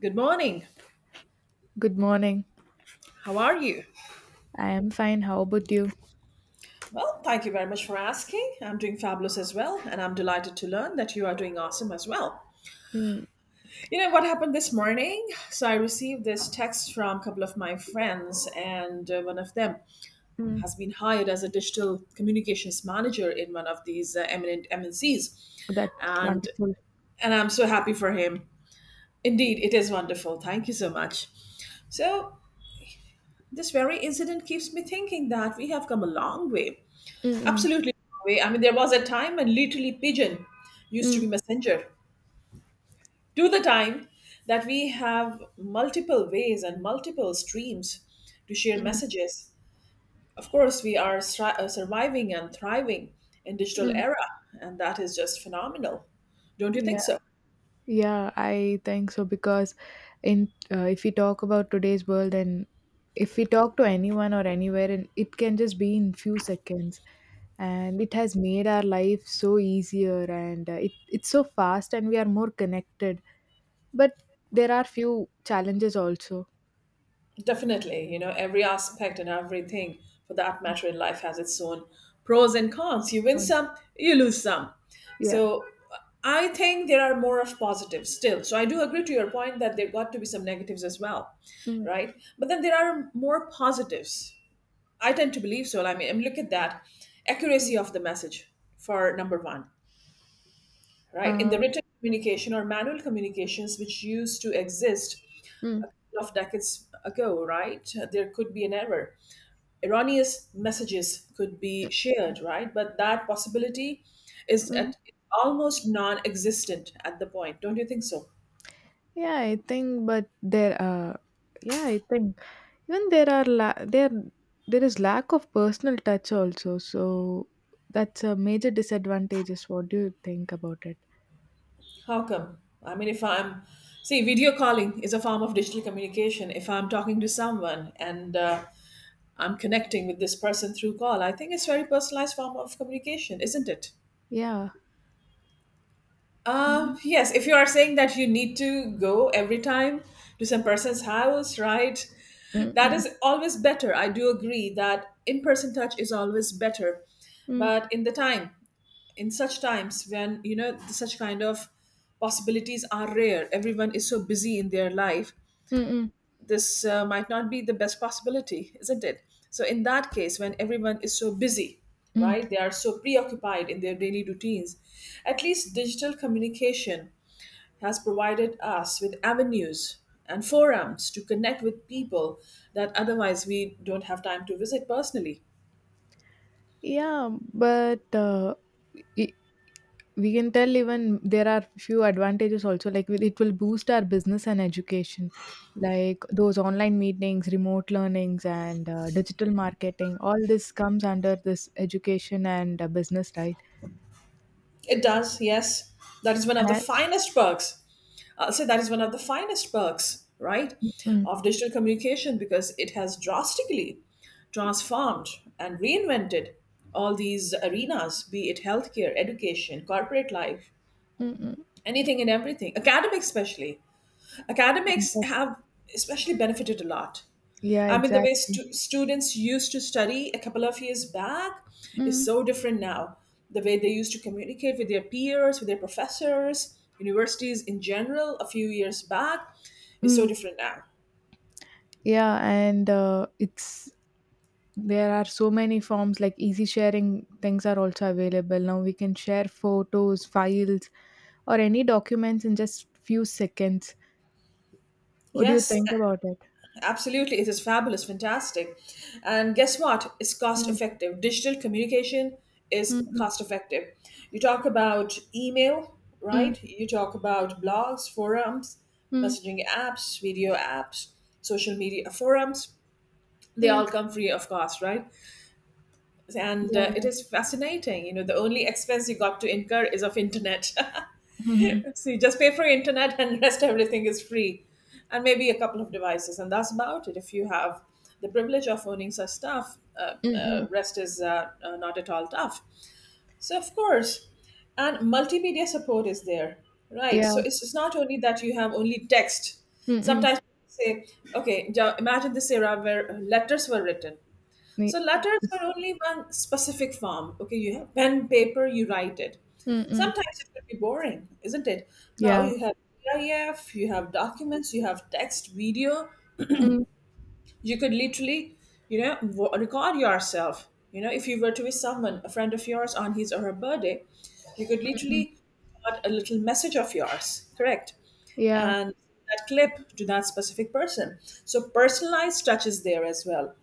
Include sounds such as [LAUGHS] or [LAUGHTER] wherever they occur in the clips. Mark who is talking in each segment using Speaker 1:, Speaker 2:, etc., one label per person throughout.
Speaker 1: Good morning.
Speaker 2: Good morning.
Speaker 1: How are you?
Speaker 2: I am fine. How about you?
Speaker 1: Well, thank you very much for asking. I'm doing fabulous as well, and I'm delighted to learn that you are doing awesome as well.
Speaker 2: Mm,
Speaker 1: You know what happened this morning? So I received this text from a couple of my friends, and one of them
Speaker 2: mm.
Speaker 1: has been hired as a digital communications manager in one of these eminent MNCs,
Speaker 2: That's
Speaker 1: and
Speaker 2: wonderful.
Speaker 1: and I'm so happy for him. Indeed, it is wonderful. Thank you so much. So, this very incident keeps me thinking that we have come a long way.
Speaker 2: Mm, mm,
Speaker 1: Absolutely. I mean, there was a time when literally pigeon used to
Speaker 2: mm,
Speaker 1: be messenger to the time that we have multiple ways and multiple streams to share
Speaker 2: mm,
Speaker 1: messages. Of course, we are surviving and thriving in digital
Speaker 2: mm.
Speaker 1: era, and that is just phenomenal. Don't you think
Speaker 2: Yeah,
Speaker 1: so?
Speaker 2: yeah, I think so because in, if we talk about today's world, and if we talk to anyone or anywhere, and it can just be in few seconds, and it has made our life so easier, and it's so fast and we are more connected. But there are few challenges also.
Speaker 1: Definitely, you know, every aspect and everything for that matter in life has its own pros and cons. You win
Speaker 2: Con-
Speaker 1: some, you lose some.
Speaker 2: Yeah.
Speaker 1: So I think there are more of positives still. So I do agree to your point that there got to be some negatives as well,
Speaker 2: Mm,
Speaker 1: right? But then there are more positives. I tend to believe so. I mean, and look at that accuracy
Speaker 2: mm.
Speaker 1: of the message for number one, right? In the
Speaker 2: Uh,
Speaker 1: written communication or manual communications which used to exist
Speaker 2: mm,
Speaker 1: of decades ago, right? There could be an error, erroneous messages could be shared, right? But that possibility is
Speaker 2: mm.
Speaker 1: at almost non-existent at the point. Don't you think so?
Speaker 2: Yeah, I think, but there are, yeah, I think even there is lack of personal touch also. So that's a major disadvantage. Is What do you think about it?
Speaker 1: How come? I mean, if I'm, see, video calling is a form of digital communication. If I'm talking to someone and I'm connecting with this person through call, I think it's a very personalized form of communication, isn't it?
Speaker 2: Yeah. Mm,
Speaker 1: Yes, if you are saying that you need to go every time to some person's house, right?
Speaker 2: mm,
Speaker 1: That
Speaker 2: mm,
Speaker 1: is always better. I do agree that in person touch is always better.
Speaker 2: mm,
Speaker 1: But in the time, in such times when, you know, such kind of possibilities are rare, everyone is so busy in their life,
Speaker 2: mm, mm,
Speaker 1: this might not be the best possibility, isn't it? So, in that case, when everyone is so busy,
Speaker 2: mm.
Speaker 1: right, they are so preoccupied in their daily routines, at least digital communication has provided us with avenues and forums to connect with people that otherwise we don't have time to visit personally.
Speaker 2: Yeah, but i- we can tell even there are few advantages also, like it will boost our business and education, like those online meetings, remote learnings, and digital marketing. All this comes under this education and business, right?
Speaker 1: It does, yes. That is one of the
Speaker 2: And.
Speaker 1: finest perks. I'll say that is one of the finest perks, right,
Speaker 2: Mm,
Speaker 1: of digital communication because it has drastically transformed and reinvented all these arenas, be it healthcare, education, corporate life,
Speaker 2: mm, mm.
Speaker 1: anything and everything, academic, especially. Academics
Speaker 2: exact-
Speaker 1: have especially benefited a lot.
Speaker 2: yeah,
Speaker 1: I mean, the way
Speaker 2: exactly.
Speaker 1: students used to study a couple of years back is
Speaker 2: Mm,
Speaker 1: so different now. The way they used to communicate with their peers, with their professors, universities in general a few years back is so
Speaker 2: mm.
Speaker 1: different now.
Speaker 2: Yeah, and it's there are so many forms. Like easy sharing, things are also available now. We can share photos, files, or any documents in just few seconds. What do you
Speaker 1: Yes,
Speaker 2: think about it?
Speaker 1: absolutely, it is fabulous, fantastic. And guess what? It's cost
Speaker 2: Mm,
Speaker 1: effective. Digital communication
Speaker 2: mm,
Speaker 1: is
Speaker 2: mm,
Speaker 1: cost effective. You talk about email,
Speaker 2: mm,
Speaker 1: right? You talk about blogs, forums,
Speaker 2: mm,
Speaker 1: messaging apps, video apps, social media forums. They all
Speaker 2: mm.
Speaker 1: come free of cost, right? And
Speaker 2: Yeah,
Speaker 1: it
Speaker 2: yeah.
Speaker 1: is fascinating. You know, the only expense you got to incur is of internet. [LAUGHS]
Speaker 2: Hmm.
Speaker 1: So you just pay for internet and [LAUGHS] rest everything is free. And maybe a couple of devices. And that's about it. If you have the privilege of owning such stuff,
Speaker 2: Mm, mm.
Speaker 1: rest is not at all tough. So, of course, and multimedia support is there, right? So
Speaker 2: Yeah.
Speaker 1: it's not only that you have only text.
Speaker 2: Mm, mm.
Speaker 1: Sometimes people say, okay, imagine this era where letters were written,
Speaker 2: Ne-
Speaker 1: so
Speaker 2: uh,
Speaker 1: letters are only one specific form. Okay, you have pen, paper, you write it.
Speaker 2: mm, mm.
Speaker 1: Sometimes it could be boring, isn't it? Now
Speaker 2: Yeah.
Speaker 1: you have PDF, you have documents, you have text, video.
Speaker 2: Mm,
Speaker 1: You could literally, you know, record yourself. You know, if you were to be someone, a friend of yours on his or her birthday, you could
Speaker 2: mm, mm.
Speaker 1: literally record a little message of yours, correct?
Speaker 2: Yeah.
Speaker 1: And that clip to that specific person. So personalized touch is there as well.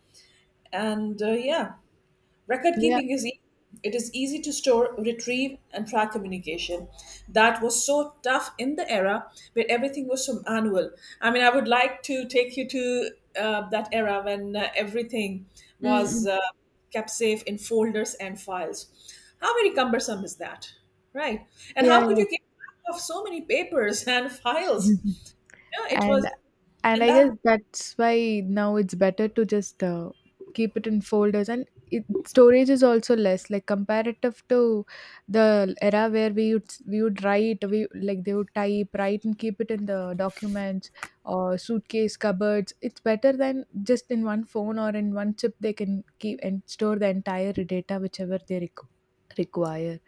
Speaker 1: And yeah, record
Speaker 2: Yeah.
Speaker 1: keeping is easy. It is easy to store, retrieve, and track communication. That was so tough in the era where everything was so manual. I mean, I would like to take you to that era when everything
Speaker 2: Mm,
Speaker 1: was
Speaker 2: mm.
Speaker 1: kept safe in folders and files. How very cumbersome is that, right? And
Speaker 2: Yeah,
Speaker 1: how could
Speaker 2: yeah.
Speaker 1: you keep track of so many papers [LAUGHS] and
Speaker 2: [LAUGHS]
Speaker 1: files? You know, it was,
Speaker 2: And and
Speaker 1: and
Speaker 2: I guess
Speaker 1: that,
Speaker 2: that's why now it's better to just keep it in folders, storage is also less, like comparative to the era where we would write, we like they would type write and keep it in the documents or suitcase cupboards. It's better than just in one phone or in one chip they can keep and store the entire data, whichever they require.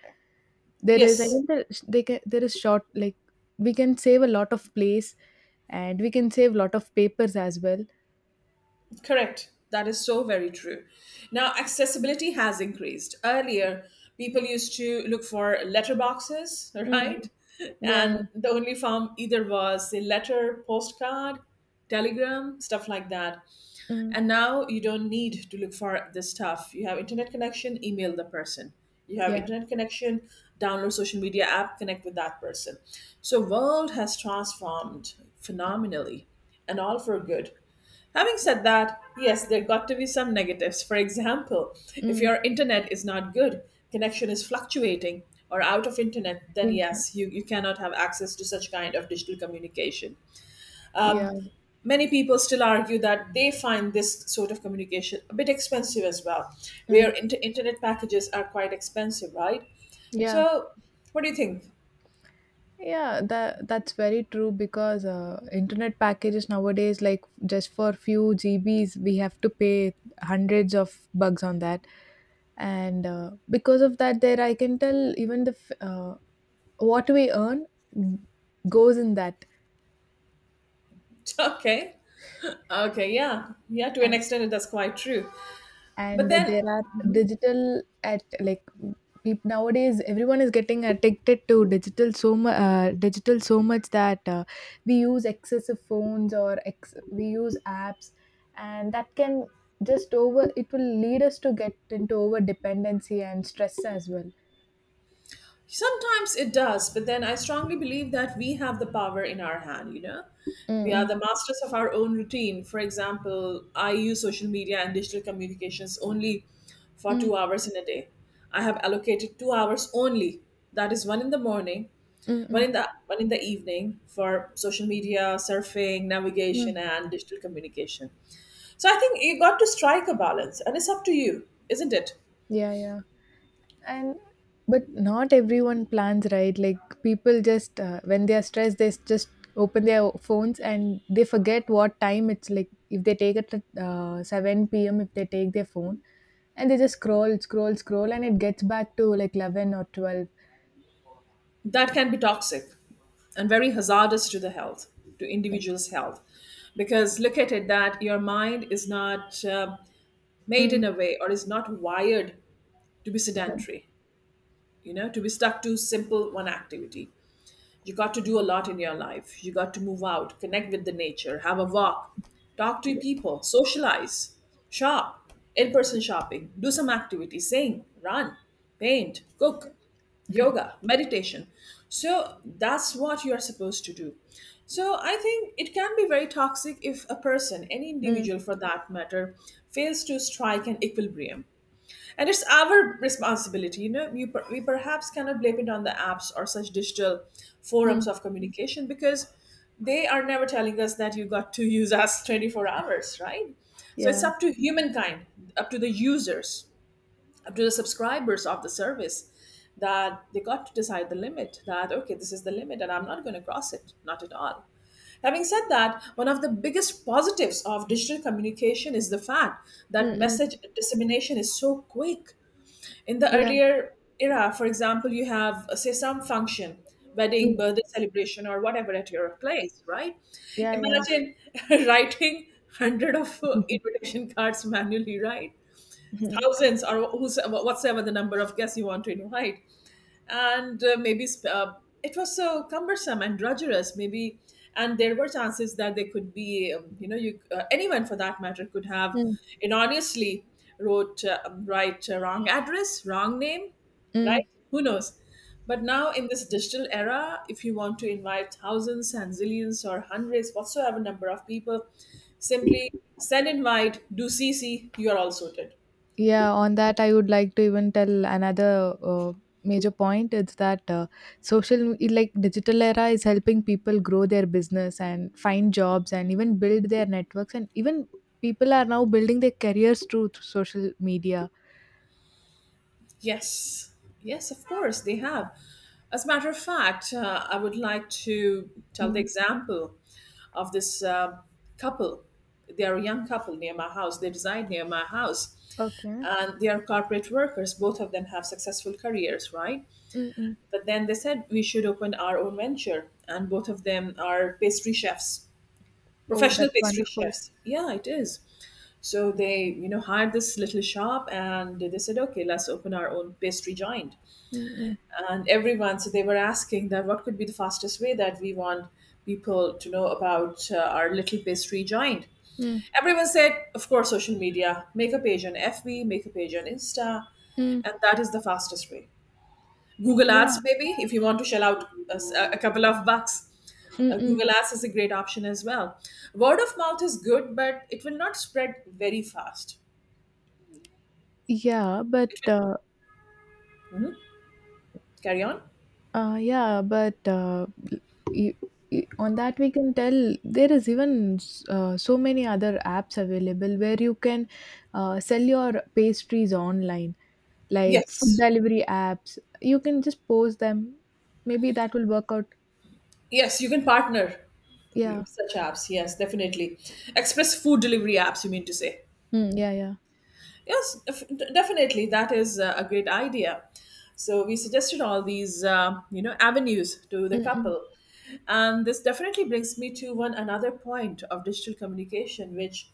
Speaker 2: There is, I
Speaker 1: yes,
Speaker 2: can tell, they can, there is short, like, we can save a lot of place, and we can save a lot of papers as well.
Speaker 1: correct. That is so very true. Now, accessibility has increased. Earlier, people used to look for letterboxes, [LAUGHS]
Speaker 2: Mm.
Speaker 1: right?
Speaker 2: Yeah, yeah.
Speaker 1: And the only form either was the letter, postcard, telegram, stuff like that.
Speaker 2: Mm.
Speaker 1: And now you don't need to look for this stuff. You have internet connection, email the person. You have
Speaker 2: Yeah.
Speaker 1: internet connection, download social media app, connect with that person. So world has transformed phenomenally and all for good. Having said that, yes, there got to be some negatives. For example, if
Speaker 2: Mm.
Speaker 1: your internet is not good, connection is fluctuating or out of internet, then
Speaker 2: Internet.
Speaker 1: yes, you cannot have access to such kind of digital communication.
Speaker 2: Yeah.
Speaker 1: Um, many people still argue that they find this sort of communication a bit expensive as well, where
Speaker 2: Mm.
Speaker 1: internet packages are quite expensive, right?
Speaker 2: Yeah.
Speaker 1: So, what do you think? [LAUGHS]
Speaker 2: Yeah, that's very true because internet packages nowadays, like just for few GBs, we have to pay hundreds of bucks on that, and because of that, there I can tell even what we earn goes in that,
Speaker 1: Okay. Okay, yeah. Yeah, to an extent, that's quite true. But
Speaker 2: and
Speaker 1: then
Speaker 2: there are digital at like peop- nowadays everyone is getting addicted to digital so much, digital so much that we use excessive phones we use apps, and that can, just over it will lead us to get into over dependency and stress as well.
Speaker 1: sometimes it does, but then I strongly believe that we have the power in our hand, you know? We are
Speaker 2: Mm,
Speaker 1: the masters of our own routine. For example, I use social media and digital communications only
Speaker 2: mm,
Speaker 1: for two
Speaker 2: mm,
Speaker 1: hours in a day. I have allocated 2 hours only. That is one in the morning,
Speaker 2: mm, mm,
Speaker 1: one in the evening for social media, surfing,
Speaker 2: mm.
Speaker 1: navigation, and digital communication. So I think you got to strike a balance, and it's up to you, isn't it?
Speaker 2: Yeah, yeah. And but not everyone plans, right? Like people just, when they are stressed, just open their phones and they forget what time it's like. If they take it at 7 p.m, if they take their phone and they just scroll, scroll, scroll, and it gets back to like 11 or 12
Speaker 1: That can be toxic and very hazardous to the health, to individuals health, because look at it that your mind is not made in
Speaker 2: mm,
Speaker 1: a way or is not wired to be
Speaker 2: mm,
Speaker 1: sedentary, you know, to be stuck to simple one activity. You got to do a lot in your life. You got to move out, connect with the nature, have a walk, talk to people, socialize, shop, in person shopping, do some activity, sing, run, paint, cook, yoga, meditation. So that's what you're supposed to do. So I think it can be very toxic if a person, any
Speaker 2: mm,
Speaker 1: individual for that matter, fails to strike an equilibrium. And it's our responsibility, you know. We perhaps cannot blame it on the apps or such digital forums
Speaker 2: mm.
Speaker 1: of communication because they are never telling us that you got to use us 24 hours, right? So it's
Speaker 2: Yeah.
Speaker 1: up to humankind, up to the users, up to the subscribers of the service that they got to decide the limit that, okay, this is the limit and I'm not going to cross it, not at all. Having said that, one of the biggest positives of digital communication is the fact
Speaker 2: Mm,
Speaker 1: that
Speaker 2: mm.
Speaker 1: message dissemination is so quick. In the
Speaker 2: Yeah.
Speaker 1: earlier era, for example, you have say some function, wedding,
Speaker 2: Mm.
Speaker 1: birthday celebration or whatever at your place, right?
Speaker 2: Yeah, yeah.
Speaker 1: Imagine [LAUGHS] writing hundred of invitation cards manually, right?
Speaker 2: [LAUGHS]
Speaker 1: Thousands or who's whatsoever the number of guests you want to invite. And maybe uh, it was so cumbersome and drudgerous maybe, and there were chances that there could be you know, you anyone for that matter could have
Speaker 2: Mm,
Speaker 1: erroneously wrote right, wrong address, wrong name, right,
Speaker 2: mm.
Speaker 1: who knows. But now in this digital era, if you want to invite thousands and zillions or hundreds whatsoever number of people, simply send invite, do cc, you are all sorted.
Speaker 2: Yeah, on that, I would like to even tell another, major point. It's that, like, digital era is helping people grow their business and find jobs and even build their networks. And even people are now building their careers through social media.
Speaker 1: Yes, yes, of course, they have. As a matter of fact, I would like to tell the
Speaker 2: Mm,
Speaker 1: example of this couple. They are a young couple near my house. They reside near my house.
Speaker 2: okay.
Speaker 1: And they are corporate workers. Both of them have successful careers, right?
Speaker 2: Mm-mm.
Speaker 1: But then they said we should open our own venture. And both of them are pastry chefs,
Speaker 2: Oh,
Speaker 1: professional
Speaker 2: that's
Speaker 1: pastry
Speaker 2: wonderful.
Speaker 1: chefs. Yeah, it is. So they, you know, hired this little shop and they said, okay, let's open our own pastry joint
Speaker 2: Mm-mm.
Speaker 1: and everyone, so they were asking that what could be the fastest way that we want people to know about our little pastry joint. Everyone said, of course, social media. Make a page on fb, make a page on insta,
Speaker 2: Mm-mm.
Speaker 1: and that is the fastest way. Google ads
Speaker 2: Yeah.
Speaker 1: maybe, if you want to shell out a couple of bucks.
Speaker 2: Mm-mm.
Speaker 1: Google ads is a great option as well. Word of mouth is good, but it will not spread very fast,
Speaker 2: Yeah, but
Speaker 1: it will
Speaker 2: uh,
Speaker 1: carry on.
Speaker 2: Yeah, but y y on that we can tell there is even so many other apps available where you can sell your pastries online, like food
Speaker 1: Yes,
Speaker 2: delivery apps. You can just post them. Maybe that will work out.
Speaker 1: yes, you can partner. You-
Speaker 2: Yeah.
Speaker 1: Such apps, yes, definitely. Express food delivery apps, you mean to say?
Speaker 2: Mm, yeah. Yeah.
Speaker 1: Yes, if, definitely. That is a great idea. So we suggested all these, you know, avenues to the
Speaker 2: Mm,
Speaker 1: couple, and this definitely brings me to one another point of digital communication, which,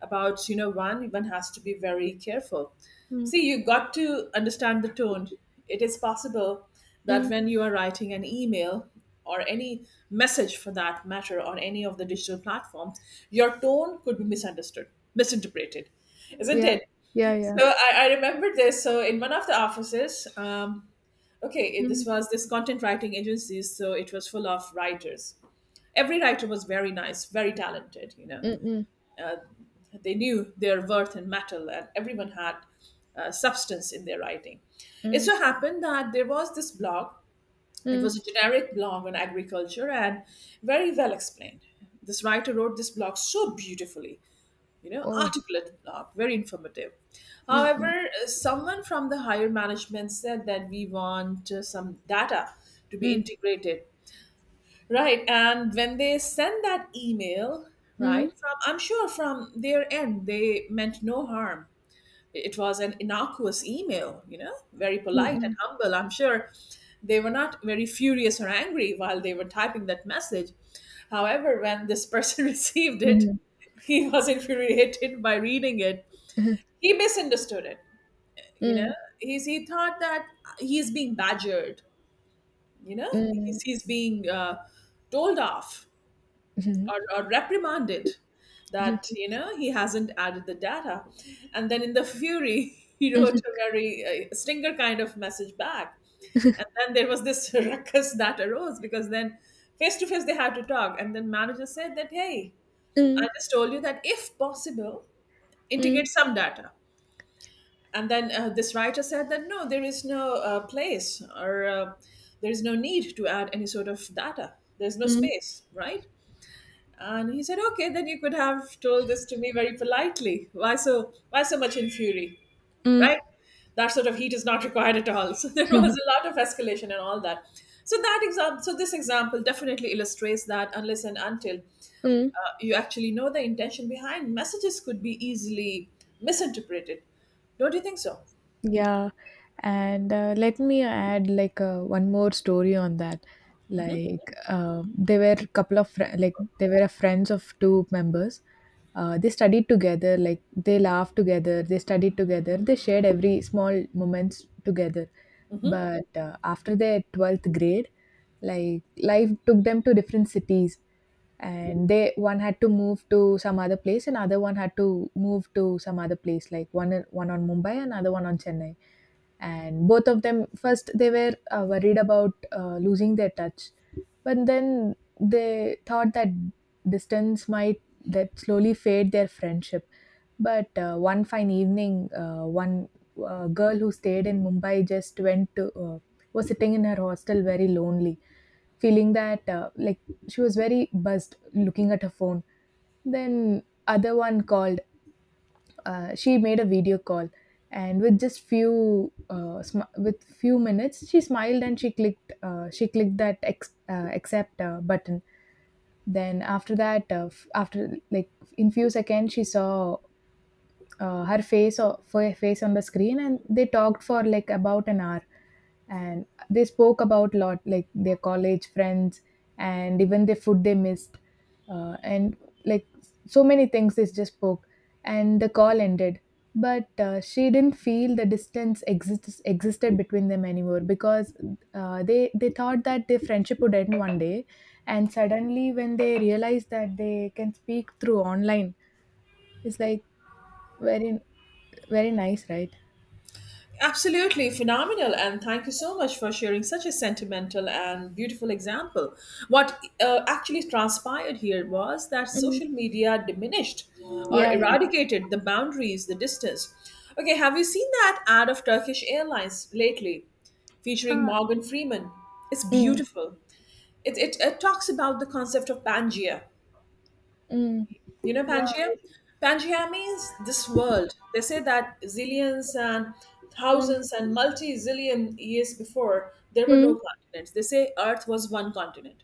Speaker 1: about you know, one has to be very careful.
Speaker 2: mm,
Speaker 1: See, you got to understand the tone. It is possible
Speaker 2: mm,
Speaker 1: that
Speaker 2: mm,
Speaker 1: when you are writing an email or any message for that matter on any of the digital platforms, your tone could be misunderstood, misinterpreted, isn't
Speaker 2: yeah.
Speaker 1: it?
Speaker 2: Yeah. Yeah.
Speaker 1: So I remember this. So in one of the offices, okay, it,
Speaker 2: Mm,
Speaker 1: this was this content writing agency. So it was full of writers. Every writer was very nice, very talented. You know,
Speaker 2: mm, mm,
Speaker 1: they knew their worth and metal, and everyone had substance in their writing. It
Speaker 2: mm,
Speaker 1: so happened that there was this blog. It
Speaker 2: mm.
Speaker 1: was a generic blog on agriculture, and very well explained. This writer wrote this blog so beautifully, you know,
Speaker 2: Oh.
Speaker 1: article at the very informative.
Speaker 2: mm,
Speaker 1: However,
Speaker 2: mm,
Speaker 1: someone from the higher management said that we want some data to be
Speaker 2: mm,
Speaker 1: integrated, right? And when they send that email,
Speaker 2: mm,
Speaker 1: right, from I'm sure from their end, they meant no harm. It was an innocuous email, you know, very polite and
Speaker 2: mm,
Speaker 1: humble. I'm sure they were not very furious or angry while they were typing that message. However, when this person [LAUGHS] received
Speaker 2: mm,
Speaker 1: it,
Speaker 2: mm,
Speaker 1: he was infuriated by reading it.
Speaker 2: mm, mm,
Speaker 1: He misunderstood it, you know.
Speaker 2: mm,
Speaker 1: He thought that he's being badgered, you know,
Speaker 2: mm,
Speaker 1: he's being told off,
Speaker 2: mm,
Speaker 1: or reprimanded,
Speaker 2: mm,
Speaker 1: that you know he hasn't added the data. And then in the fury [LAUGHS] he
Speaker 2: mm,
Speaker 1: wrote a very stinger kind of message back. And then there was this [LAUGHS] ruckus that arose, because then face to face they had to talk, and then manager said that, hey, I
Speaker 2: mm,
Speaker 1: just told you that if possible, integrate
Speaker 2: mm,
Speaker 1: some data. And then this writer said that no, there is no place, or there is no need to add any sort of data, there's no
Speaker 2: mm,
Speaker 1: space, right? And he said, okay, then you could have told this to me very politely. Why so, why so much in fury?
Speaker 2: mm,
Speaker 1: Right? That sort of heat is not required at all. [LAUGHS] So there was
Speaker 2: [LAUGHS]
Speaker 1: a lot of escalation and all that. So that example, so this example definitely illustrates that unless and until
Speaker 2: mm.
Speaker 1: you actually know the intention, behind messages could be easily misinterpreted. Don't you think so?
Speaker 2: Yeah, and let me add, like, one more story on that. Like, they were a friends of two members. They studied together. Like they laughed together. They studied together. They shared every small moments together. But after their 12th grade, like life took them to different cities, and they, one had to move to some other place and other one had to move to some other place, like one, one on Mumbai and other one on Chennai, and both of them first they were worried about losing their touch, but then they thought that distance might that slowly fade their friendship. But one fine evening, one, girl who stayed in Mumbai just went to was sitting in her hostel very lonely, feeling that, like, she was very buzzed looking at her phone. Then other one called. She made a video call, and with just few, with few minutes, she smiled and she clicked that accept button. Then after that, after, like, in few seconds she saw, her face or her face on the screen, and they talked for like about an hour, and they spoke about a lot, like their college friends and even the food they missed, and, like, so many things they just spoke, and the call ended. But she didn't feel the distance exists existed between them anymore, because they thought that their friendship would end one day, and suddenly when they realized that they can speak through online, it's like very, very nice, right?
Speaker 1: Absolutely phenomenal, and thank you so much for sharing such a sentimental and beautiful example. What actually transpired here was that
Speaker 2: Mm.
Speaker 1: social media diminished or
Speaker 2: Yeah, yeah.
Speaker 1: eradicated the boundaries, the distance. Okay, have you seen that ad of Turkish Airlines lately, featuring
Speaker 2: Ah,
Speaker 1: Morgan Freeman? It's
Speaker 2: mm.
Speaker 1: beautiful. It talks about the concept of Pangea.
Speaker 2: Mm.
Speaker 1: You know
Speaker 2: Yeah.
Speaker 1: Pangea? Pangea means this world. They say that zillions and
Speaker 2: Mm.
Speaker 1: thousands and multi zillion years before, there were
Speaker 2: Mm.
Speaker 1: no continents. They say Earth was one continent.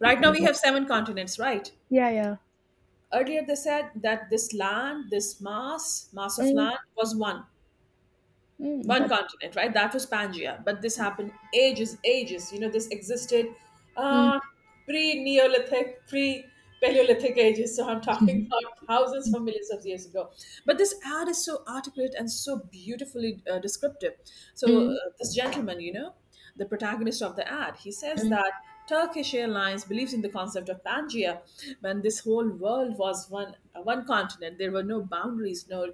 Speaker 1: Right now, we have seven continents, right?
Speaker 2: Yeah, yeah.
Speaker 1: Earlier, they said that this land, this mass, mass of
Speaker 2: Mm.
Speaker 1: land was one
Speaker 2: Mm.
Speaker 1: one
Speaker 2: That.
Speaker 1: continent, right? That was Pangaea, but this happened ages, ages. You know, this existed,
Speaker 2: Mm.
Speaker 1: uh, pre-Neolithic, pre-Paleolithic ages. So I'm talking
Speaker 2: [LAUGHS]
Speaker 1: about thousands of millions of years ago. But this ad is so articulate and so beautifully descriptive. So
Speaker 2: Mm.
Speaker 1: this gentleman, you know, the protagonist of the ad, he says
Speaker 2: Mm.
Speaker 1: that Turkish Airlines believes in the concept of Pangaea, when this whole world was one continent. There were no boundaries, no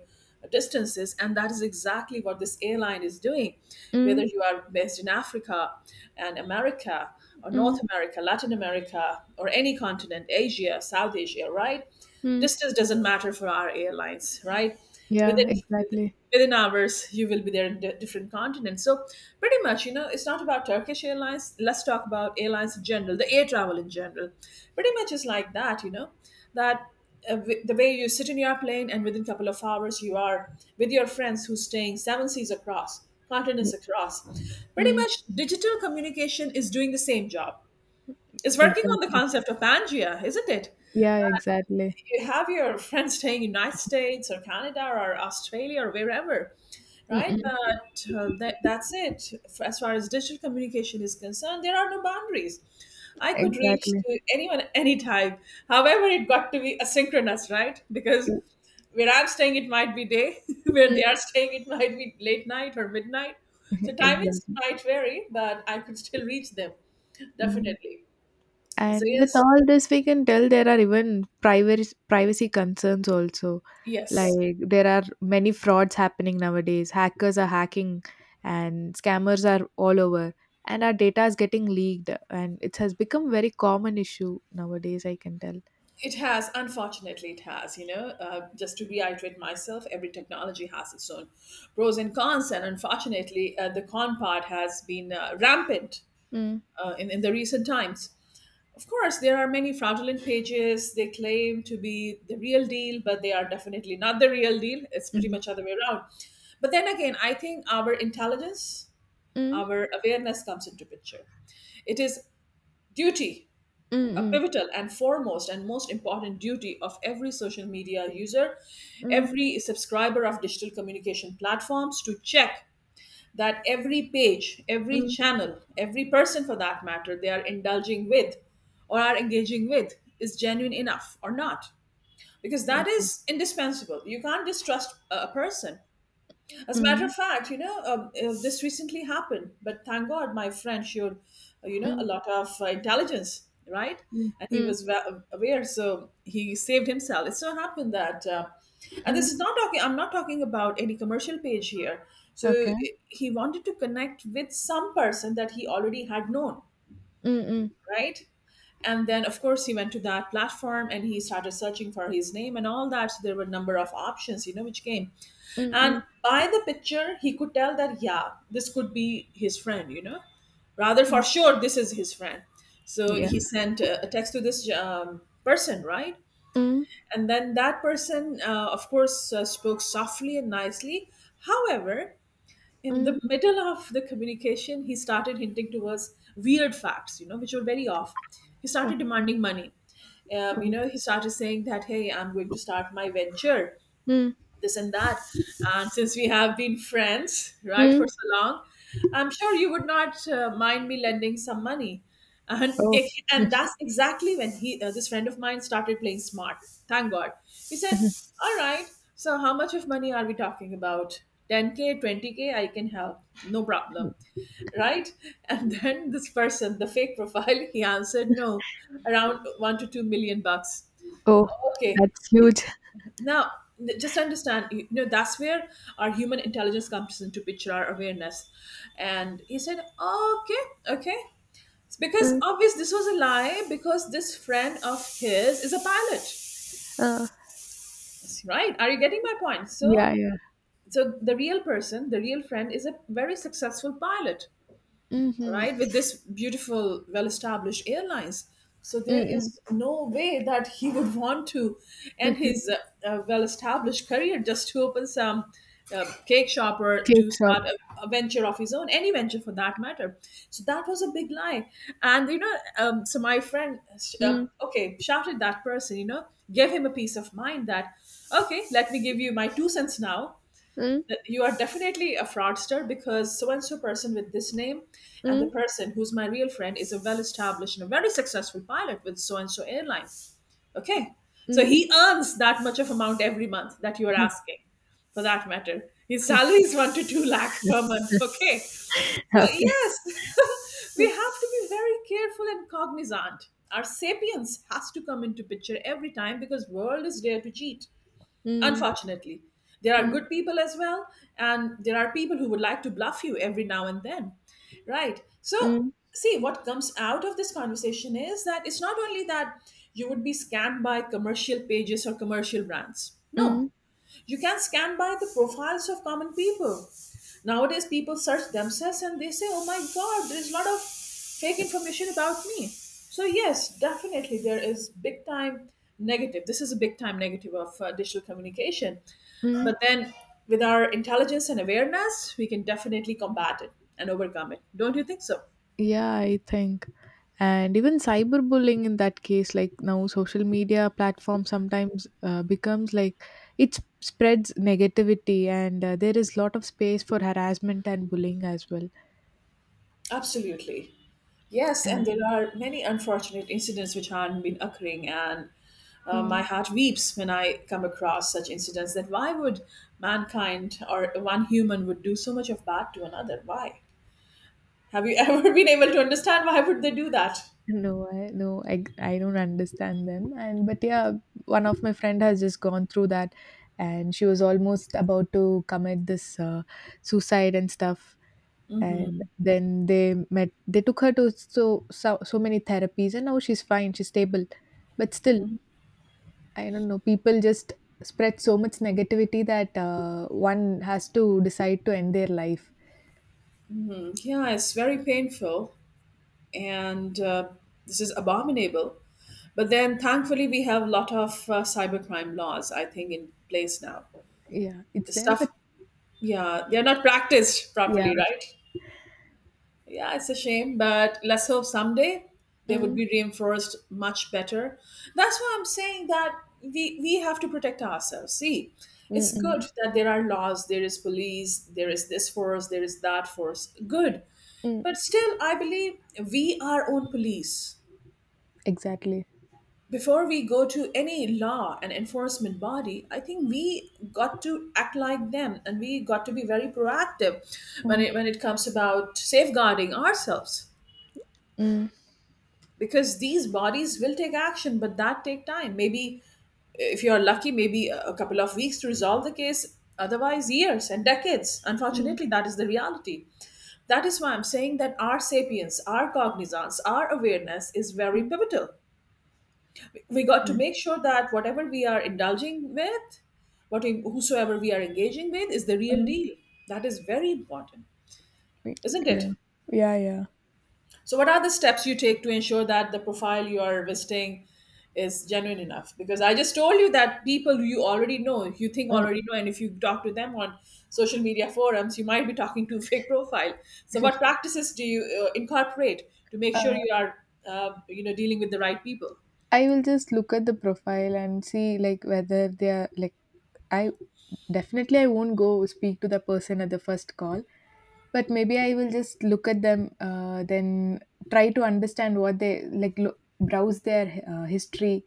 Speaker 1: distances, and that is exactly what this airline is doing, whether
Speaker 2: Mm.
Speaker 1: you are based in Africa and America, or North
Speaker 2: Mm.
Speaker 1: America, Latin America, or any continent, Asia, South Asia, right?
Speaker 2: Mm.
Speaker 1: Distance doesn't matter for our airlines, right?
Speaker 2: Yeah,
Speaker 1: within
Speaker 2: exactly.
Speaker 1: within hours you will be there in different continents. So pretty much, you know, it's not about Turkish Airlines, let's talk about airlines in general, the air travel in general. Pretty much it's like that, you know, that the way you sit in your plane, and within a couple of hours you are with your friends who's staying seven seas across, continents
Speaker 2: Yeah.
Speaker 1: across. Pretty
Speaker 2: Mm.
Speaker 1: much digital communication is doing the same job. It's working on the
Speaker 2: Exactly.
Speaker 1: concept of Pangea, isn't it?
Speaker 2: Yeah, exactly.
Speaker 1: You have your [LAUGHS] friends staying in United States or Canada or Australia or wherever,
Speaker 2: Mm.
Speaker 1: right?
Speaker 2: Mm.
Speaker 1: But that, that's it. F- As far as digital communication is concerned, there are no boundaries. I could reach
Speaker 2: Exactly.
Speaker 1: to anyone anytime. However, it got to be asynchronous, right? Because where I'm staying, it might be day. [LAUGHS] Where
Speaker 2: Mm.
Speaker 1: they are staying, it might be late night or midnight. So
Speaker 2: [LAUGHS]
Speaker 1: timings
Speaker 2: Exactly.
Speaker 1: might vary, but I could still reach them,
Speaker 2: Mm.
Speaker 1: definitely. So
Speaker 2: And with
Speaker 1: yes,
Speaker 2: all this, we can tell there are even privacy concerns also.
Speaker 1: yes.
Speaker 2: Like there are many frauds happening nowadays. Hackers are hacking, and scammers are all over, and our data is getting leaked, and it has become very common issue nowadays. I can tell.
Speaker 1: It has, unfortunately, it has. You know, just to reiterate myself, every technology has its own pros and cons, and unfortunately, the con part has been rampant
Speaker 2: Mm,
Speaker 1: in the recent times. Of course, there are many fraudulent pages. They claim to be the real deal, but they are definitely not the real deal. It's pretty
Speaker 2: mm,
Speaker 1: much other way around. But then again, I think our intelligence,
Speaker 2: mm,
Speaker 1: our awareness comes into picture. It is duty,
Speaker 2: mm,
Speaker 1: a
Speaker 2: mm,
Speaker 1: pivotal and foremost and most important duty of every social media user,
Speaker 2: mm,
Speaker 1: every subscriber of digital communication platforms, to check that every page, every
Speaker 2: mm,
Speaker 1: channel, every person for that matter they are indulging with or are engaging with is genuine enough or not. Because that
Speaker 2: exactly.
Speaker 1: is indispensable. You can't distrust a person. As a matter of
Speaker 2: Mm,
Speaker 1: fact, you know, this recently happened, but thank God my friend showed, you know, a
Speaker 2: mm,
Speaker 1: lot of intelligence, right?
Speaker 2: mm,
Speaker 1: And he
Speaker 2: mm,
Speaker 1: was wa- aware, so he saved himself. It so happened that, and this
Speaker 2: mm.
Speaker 1: is not talking, I'm not talking about any commercial page here. So
Speaker 2: Okay.
Speaker 1: he wanted to connect with some person that he already had known,
Speaker 2: Mm, mm,
Speaker 1: right? And then, of course, he went to that platform and he started searching for his name and all that. So there were a number of options, you know, which came.
Speaker 2: mm,
Speaker 1: And
Speaker 2: mm,
Speaker 1: by the picture, he could tell that, yeah, this could be his friend, you know, rather for
Speaker 2: mm.
Speaker 1: sure, this is his friend. So
Speaker 2: Yeah.
Speaker 1: he sent a text to this person, right?
Speaker 2: Mm,
Speaker 1: And then that person, of course, spoke softly and nicely. However, in
Speaker 2: mm,
Speaker 1: the middle of the communication, he started hinting towards weird facts, you know, which were very off. He
Speaker 2: okay.
Speaker 1: started demanding money. You know, he started saying that, hey, I'm going to start my venture,
Speaker 2: Mm,
Speaker 1: this and that. And since we have been friends, right, for
Speaker 2: mm.
Speaker 1: so long, I'm sure you would not mind me lending some money. And
Speaker 2: Oh.
Speaker 1: it, and
Speaker 2: [LAUGHS]
Speaker 1: that's exactly when he this friend of mine started playing smart. Thank God. He said, "All right, so how much of money are we talking about? 10k, 20k? I can help. No problem." Right? And then this person, the fake profile, [LAUGHS] he answered, "No, around 1 to 2 million bucks."
Speaker 2: Oh,
Speaker 1: Okay,
Speaker 2: that's huge.
Speaker 1: now, n- just understand, you know, that's where our human intelligence comes into picture, our awareness. And he said, "Oh, okay, okay." It's
Speaker 2: Uh,
Speaker 1: because obvious this was a lie, because this friend of his is a pilot,
Speaker 2: uh,
Speaker 1: right? Are you getting my point?
Speaker 2: yeah,
Speaker 1: So,
Speaker 2: yeah.
Speaker 1: so the real person, the real friend, is a very successful pilot,
Speaker 2: Mm-hmm.
Speaker 1: right, with this beautiful well established airlines. So there
Speaker 2: Mm-mm.
Speaker 1: is no way that he would want to end
Speaker 2: [LAUGHS]
Speaker 1: his well established career just to open some cake shop, or
Speaker 2: Cake
Speaker 1: to
Speaker 2: shop.
Speaker 1: start a venture of his own, any venture for that matter. So that was a big lie. And you know, so my friend
Speaker 2: Mm.
Speaker 1: okay shouted that person, you know, gave him a peace of mind that, okay, let me give you my two cents now,
Speaker 2: Mm.
Speaker 1: that you are definitely a fraudster, because so and so person with this name, and the
Speaker 2: Mm.
Speaker 1: person who's my real friend, is a well established and a very successful pilot with so and so airline, okay? So
Speaker 2: Mm.
Speaker 1: he
Speaker 2: [LAUGHS]
Speaker 1: earns that much of amount every month that you are asking. For that matter, his salary is 1 to 2 lakh per month, okay? So
Speaker 2: Okay.
Speaker 1: yes, [LAUGHS] we have to be very careful and cognizant. Our sapience has to come into picture every time, because world is there to cheat.
Speaker 2: Mm,
Speaker 1: Unfortunately, there are
Speaker 2: mm,
Speaker 1: good people as well, and there are people who would like to bluff you every now and then, right? So,
Speaker 2: mm,
Speaker 1: see, what comes out of this conversation is that it's not only that you would be scammed by commercial pages or commercial brands. No,
Speaker 2: mm,
Speaker 1: you can scan by the profiles of common people. Nowadays, people search themselves and they say, oh my god, there's a lot of fake information about me. So, yes, definitely there is big time negative. This is a big time negative of digital communication.
Speaker 2: mm.
Speaker 1: But then, with our intelligence and awareness, we can definitely combat it and overcome it. Don't you think so?
Speaker 2: Yeah, I think. And even cyberbullying in that case, like now social media platform sometimes becomes like spreads negativity, and there is lot of space for harassment and bullying as well.
Speaker 1: Absolutely. Yes, and
Speaker 2: And.
Speaker 1: there are many unfortunate incidents which have been occurring, and my
Speaker 2: Mm.
Speaker 1: heart weeps when I come across such incidents. That why would mankind or one human would do so much of bad to another? Why? Have you [LAUGHS] ever been able to understand why would they do that?
Speaker 2: No, I don't understand them. And but yeah, one of my friend has just gone through that, and she was almost about to commit this, suicide and stuff. And then they met. They took her to so many therapies, and now she's fine. She's stable. But still, I don't know. People just spread so much negativity that, one has to decide to end their life.
Speaker 1: Yeah, it's very painful, and this is abominable. But then, thankfully, we have a lot of cybercrime laws, I think, in place now.
Speaker 2: Yeah, it's there,
Speaker 1: Stuff,
Speaker 2: but
Speaker 1: yeah, they are not practiced
Speaker 2: yeah.
Speaker 1: properly, right? Yeah, it's a shame, but let's hope someday they would
Speaker 2: Mm,
Speaker 1: be reinforced much better. That's why I'm saying that we have to protect ourselves. See,
Speaker 2: mm,
Speaker 1: it's good
Speaker 2: mm,
Speaker 1: that there are laws, there is police, there is this force, there is that force. Good.
Speaker 2: mm,
Speaker 1: But still, I believe we are own police.
Speaker 2: exactly.
Speaker 1: Before we go to any law and enforcement body, I think we got to act like them and we got to be very proactive when
Speaker 2: Mm,
Speaker 1: it, when it comes about safeguarding ourselves.
Speaker 2: mm,
Speaker 1: Because these bodies will take action, but that take time. Maybe if you're lucky, maybe a couple of weeks to resolve the case, otherwise years and decades.
Speaker 2: mm.
Speaker 1: Unfortunately, that is the reality. That is why I'm saying that our sapience, our cognizance, our awareness is very
Speaker 2: Mm,
Speaker 1: pivotal. We got to
Speaker 2: yeah.
Speaker 1: make sure that whatever we are indulging with, what we, whosoever we are engaging with is the real
Speaker 2: Mm.
Speaker 1: deal. That is very important,
Speaker 2: Y-
Speaker 1: isn't
Speaker 2: Yeah,
Speaker 1: it?
Speaker 2: yeah, yeah.
Speaker 1: So, what are the steps you take to ensure that the profile you are visiting is genuine enough? Because I just told you that people you already know, you think
Speaker 2: Mm.
Speaker 1: already know, and if you talk to them on social media forums, you might be talking to a fake profile. So, what
Speaker 2: [LAUGHS]
Speaker 1: practices do you incorporate to make
Speaker 2: Uh,
Speaker 1: sure you are, you know, dealing with the right people?
Speaker 2: I will just look at the profile and see, like, whether they are like. I definitely I won't go speak to the person at the first call, but maybe I will just look at them, then try to understand what they like. Look, browse their history,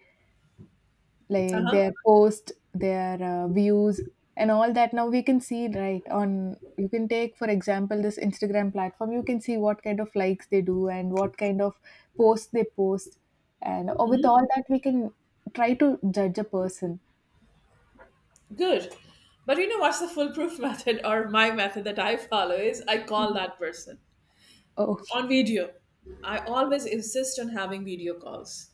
Speaker 1: Uh
Speaker 2: like
Speaker 1: huh.
Speaker 2: their post, their views and all that. Now we can see, right? On, you can take for example this Instagram platform. You can see what kind of likes they do and what kind of posts they post. And or with all that we can try to judge a person.
Speaker 1: Good. But you know what's the foolproof [LAUGHS] method or my method that I follow is I call
Speaker 2: Mm.
Speaker 1: that person
Speaker 2: Oh,
Speaker 1: on video. I always insist on having video calls.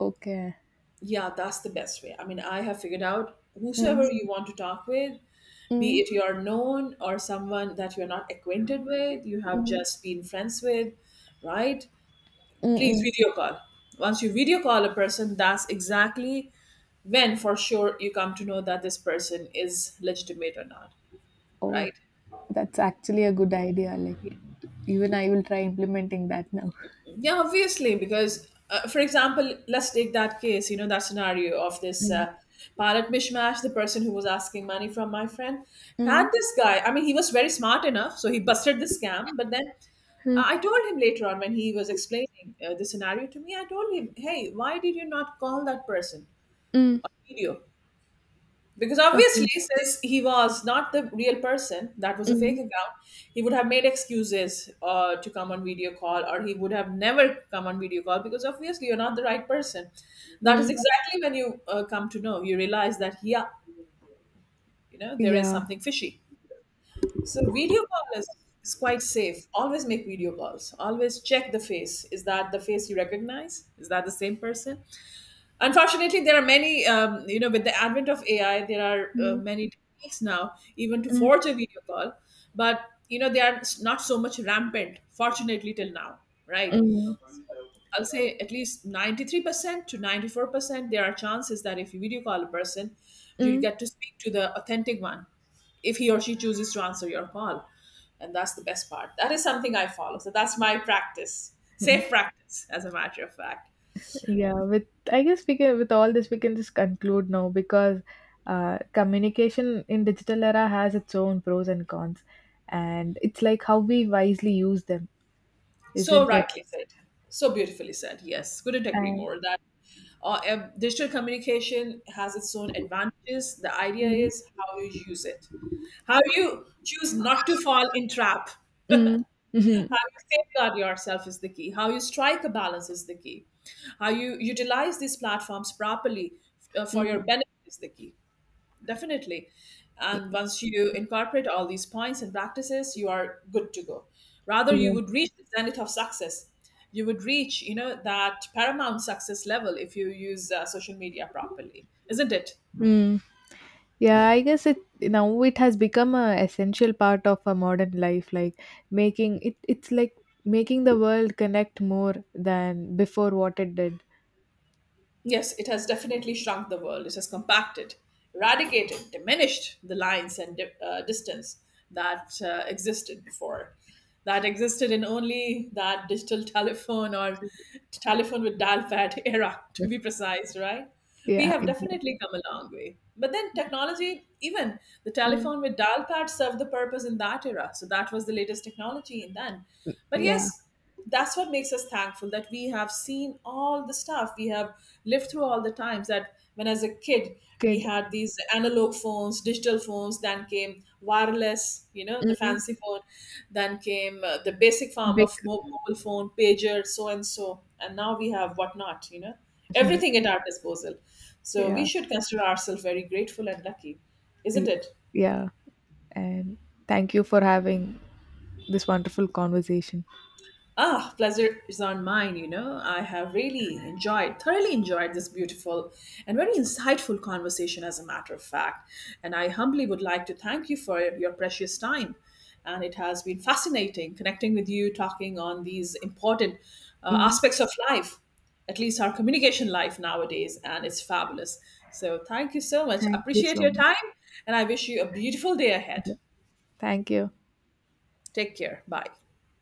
Speaker 2: okay.
Speaker 1: Yeah, that's the best way. I mean, I have figured out
Speaker 2: Mm,
Speaker 1: whosoever you want to talk with, be
Speaker 2: mm,
Speaker 1: it you're known or someone that you're not acquainted with, you have
Speaker 2: mm,
Speaker 1: just been friends with, right?
Speaker 2: mm,
Speaker 1: Please
Speaker 2: mm.
Speaker 1: video call. Once you video call a person, that's exactly when for sure you come to know that this person is legitimate or not,
Speaker 2: Oh,
Speaker 1: right?
Speaker 2: that's actually a good idea, like even I will try implementing that now.
Speaker 1: Yeah, obviously, because for example, let's take that case, you know, that scenario of this
Speaker 2: Mm,
Speaker 1: pilot mishmash. The person who was asking money from my friend had
Speaker 2: mm,
Speaker 1: this guy. I mean, he was very smart enough, so he busted the scam. But then
Speaker 2: mm,
Speaker 1: I told him later on when he was explaining the scenario to me, I told him, hey, why did you not call that person?
Speaker 2: mm.
Speaker 1: Video. Because obviously,
Speaker 2: Okay.
Speaker 1: since he was not the real person, that was a fake
Speaker 2: Mm,
Speaker 1: account, he would have made excuses to come on video call, or he would have never come on video call because obviously you're not the right person. That is
Speaker 2: mm.
Speaker 1: exactly when you come to know, you realize that, yeah, you know, there is
Speaker 2: Yeah.
Speaker 1: something fishy. So, video call is quite safe. Always make video calls, always check the face. Is that the face you recognize? Is that the same person? Unfortunately, there are many, you know, with the advent of AI, there are
Speaker 2: Mm,
Speaker 1: many techniques now, even to
Speaker 2: mm,
Speaker 1: forge a video call, but, you know, they are not so much rampant, fortunately, till now, right?
Speaker 2: mm,
Speaker 1: I'll say at least 93% to 94%, there are chances that if you video call a person, you'll
Speaker 2: mm.
Speaker 1: get to speak to the authentic one if he or she chooses to answer your call. And that's the best part. That is something I follow. So that's my practice, safe
Speaker 2: [LAUGHS]
Speaker 1: practice, as a matter of fact.
Speaker 2: Yeah, with I guess we can, with all this we can just conclude now because, communication in digital era has its own pros and cons, and it's like how we wisely use them,
Speaker 1: So
Speaker 2: isn't it?
Speaker 1: rightly said. So beautifully said. Yes, couldn't agree
Speaker 2: And.
Speaker 1: more. That digital communication has its own advantages. The idea
Speaker 2: Mm,
Speaker 1: is how you use it, how you choose not to fall in trap,
Speaker 2: mm. [LAUGHS]
Speaker 1: how
Speaker 2: Mhm,
Speaker 1: you safeguard yourself is the key. How you strike a balance is the key. How you utilize these platforms properly for your
Speaker 2: mm,
Speaker 1: benefit is the key. Definitely. And once you incorporate all these points and practices, you are good to go. Rather, you
Speaker 2: yeah.
Speaker 1: would reach the zenith of success. You would reach, you know, that paramount success level if you use social media properly, isn't it?
Speaker 2: Mm. Yeah, I guess it now it has become a essential part of a modern life, like making it it's like making the world connect more than before what it did.
Speaker 1: Yes, it has definitely shrunk the world. It has compacted, eradicated, diminished the lines and distance that existed before. That existed in only that digital [LAUGHS] telephone or telephone with dial pad [LAUGHS] era, to be precise, right? We
Speaker 2: Yeah,
Speaker 1: have
Speaker 2: exactly.
Speaker 1: definitely come a long way. But then technology, even the
Speaker 2: Mm.
Speaker 1: telephone with dial pad served the purpose in that era. So that was the latest technology. And then, but
Speaker 2: Yeah.
Speaker 1: yes, that's what makes us thankful that we have seen all the stuff. We have lived through all the times that when as a kid we
Speaker 2: Kid.
Speaker 1: had these analog phones, digital phones, then came wireless, you know, the
Speaker 2: Mm.
Speaker 1: fancy phone, then came the basic form
Speaker 2: Big.
Speaker 1: of mobile phone, pager, so and so, and now we have whatnot, you know, everything
Speaker 2: [LAUGHS]
Speaker 1: at our disposal. So we
Speaker 2: Yeah.
Speaker 1: should consider ourselves very grateful and lucky, isn't
Speaker 2: y-
Speaker 1: it?
Speaker 2: Yeah. And thank you for having this wonderful conversation.
Speaker 1: Ah, pleasure is on mine, you know. I have really enjoyed, thoroughly enjoyed this beautiful and very insightful conversation, as a matter of fact. And I humbly would like to thank you for your precious time. And it has been fascinating connecting with you, talking on these important
Speaker 2: Mm,
Speaker 1: aspects of life, at least our communication life nowadays. And it's fabulous. So thank you so much.
Speaker 2: thank you
Speaker 1: Appreciate
Speaker 2: so
Speaker 1: your
Speaker 2: much.
Speaker 1: time. And I wish you a beautiful day ahead.
Speaker 2: Yeah. Thank you.
Speaker 1: Take care. Bye.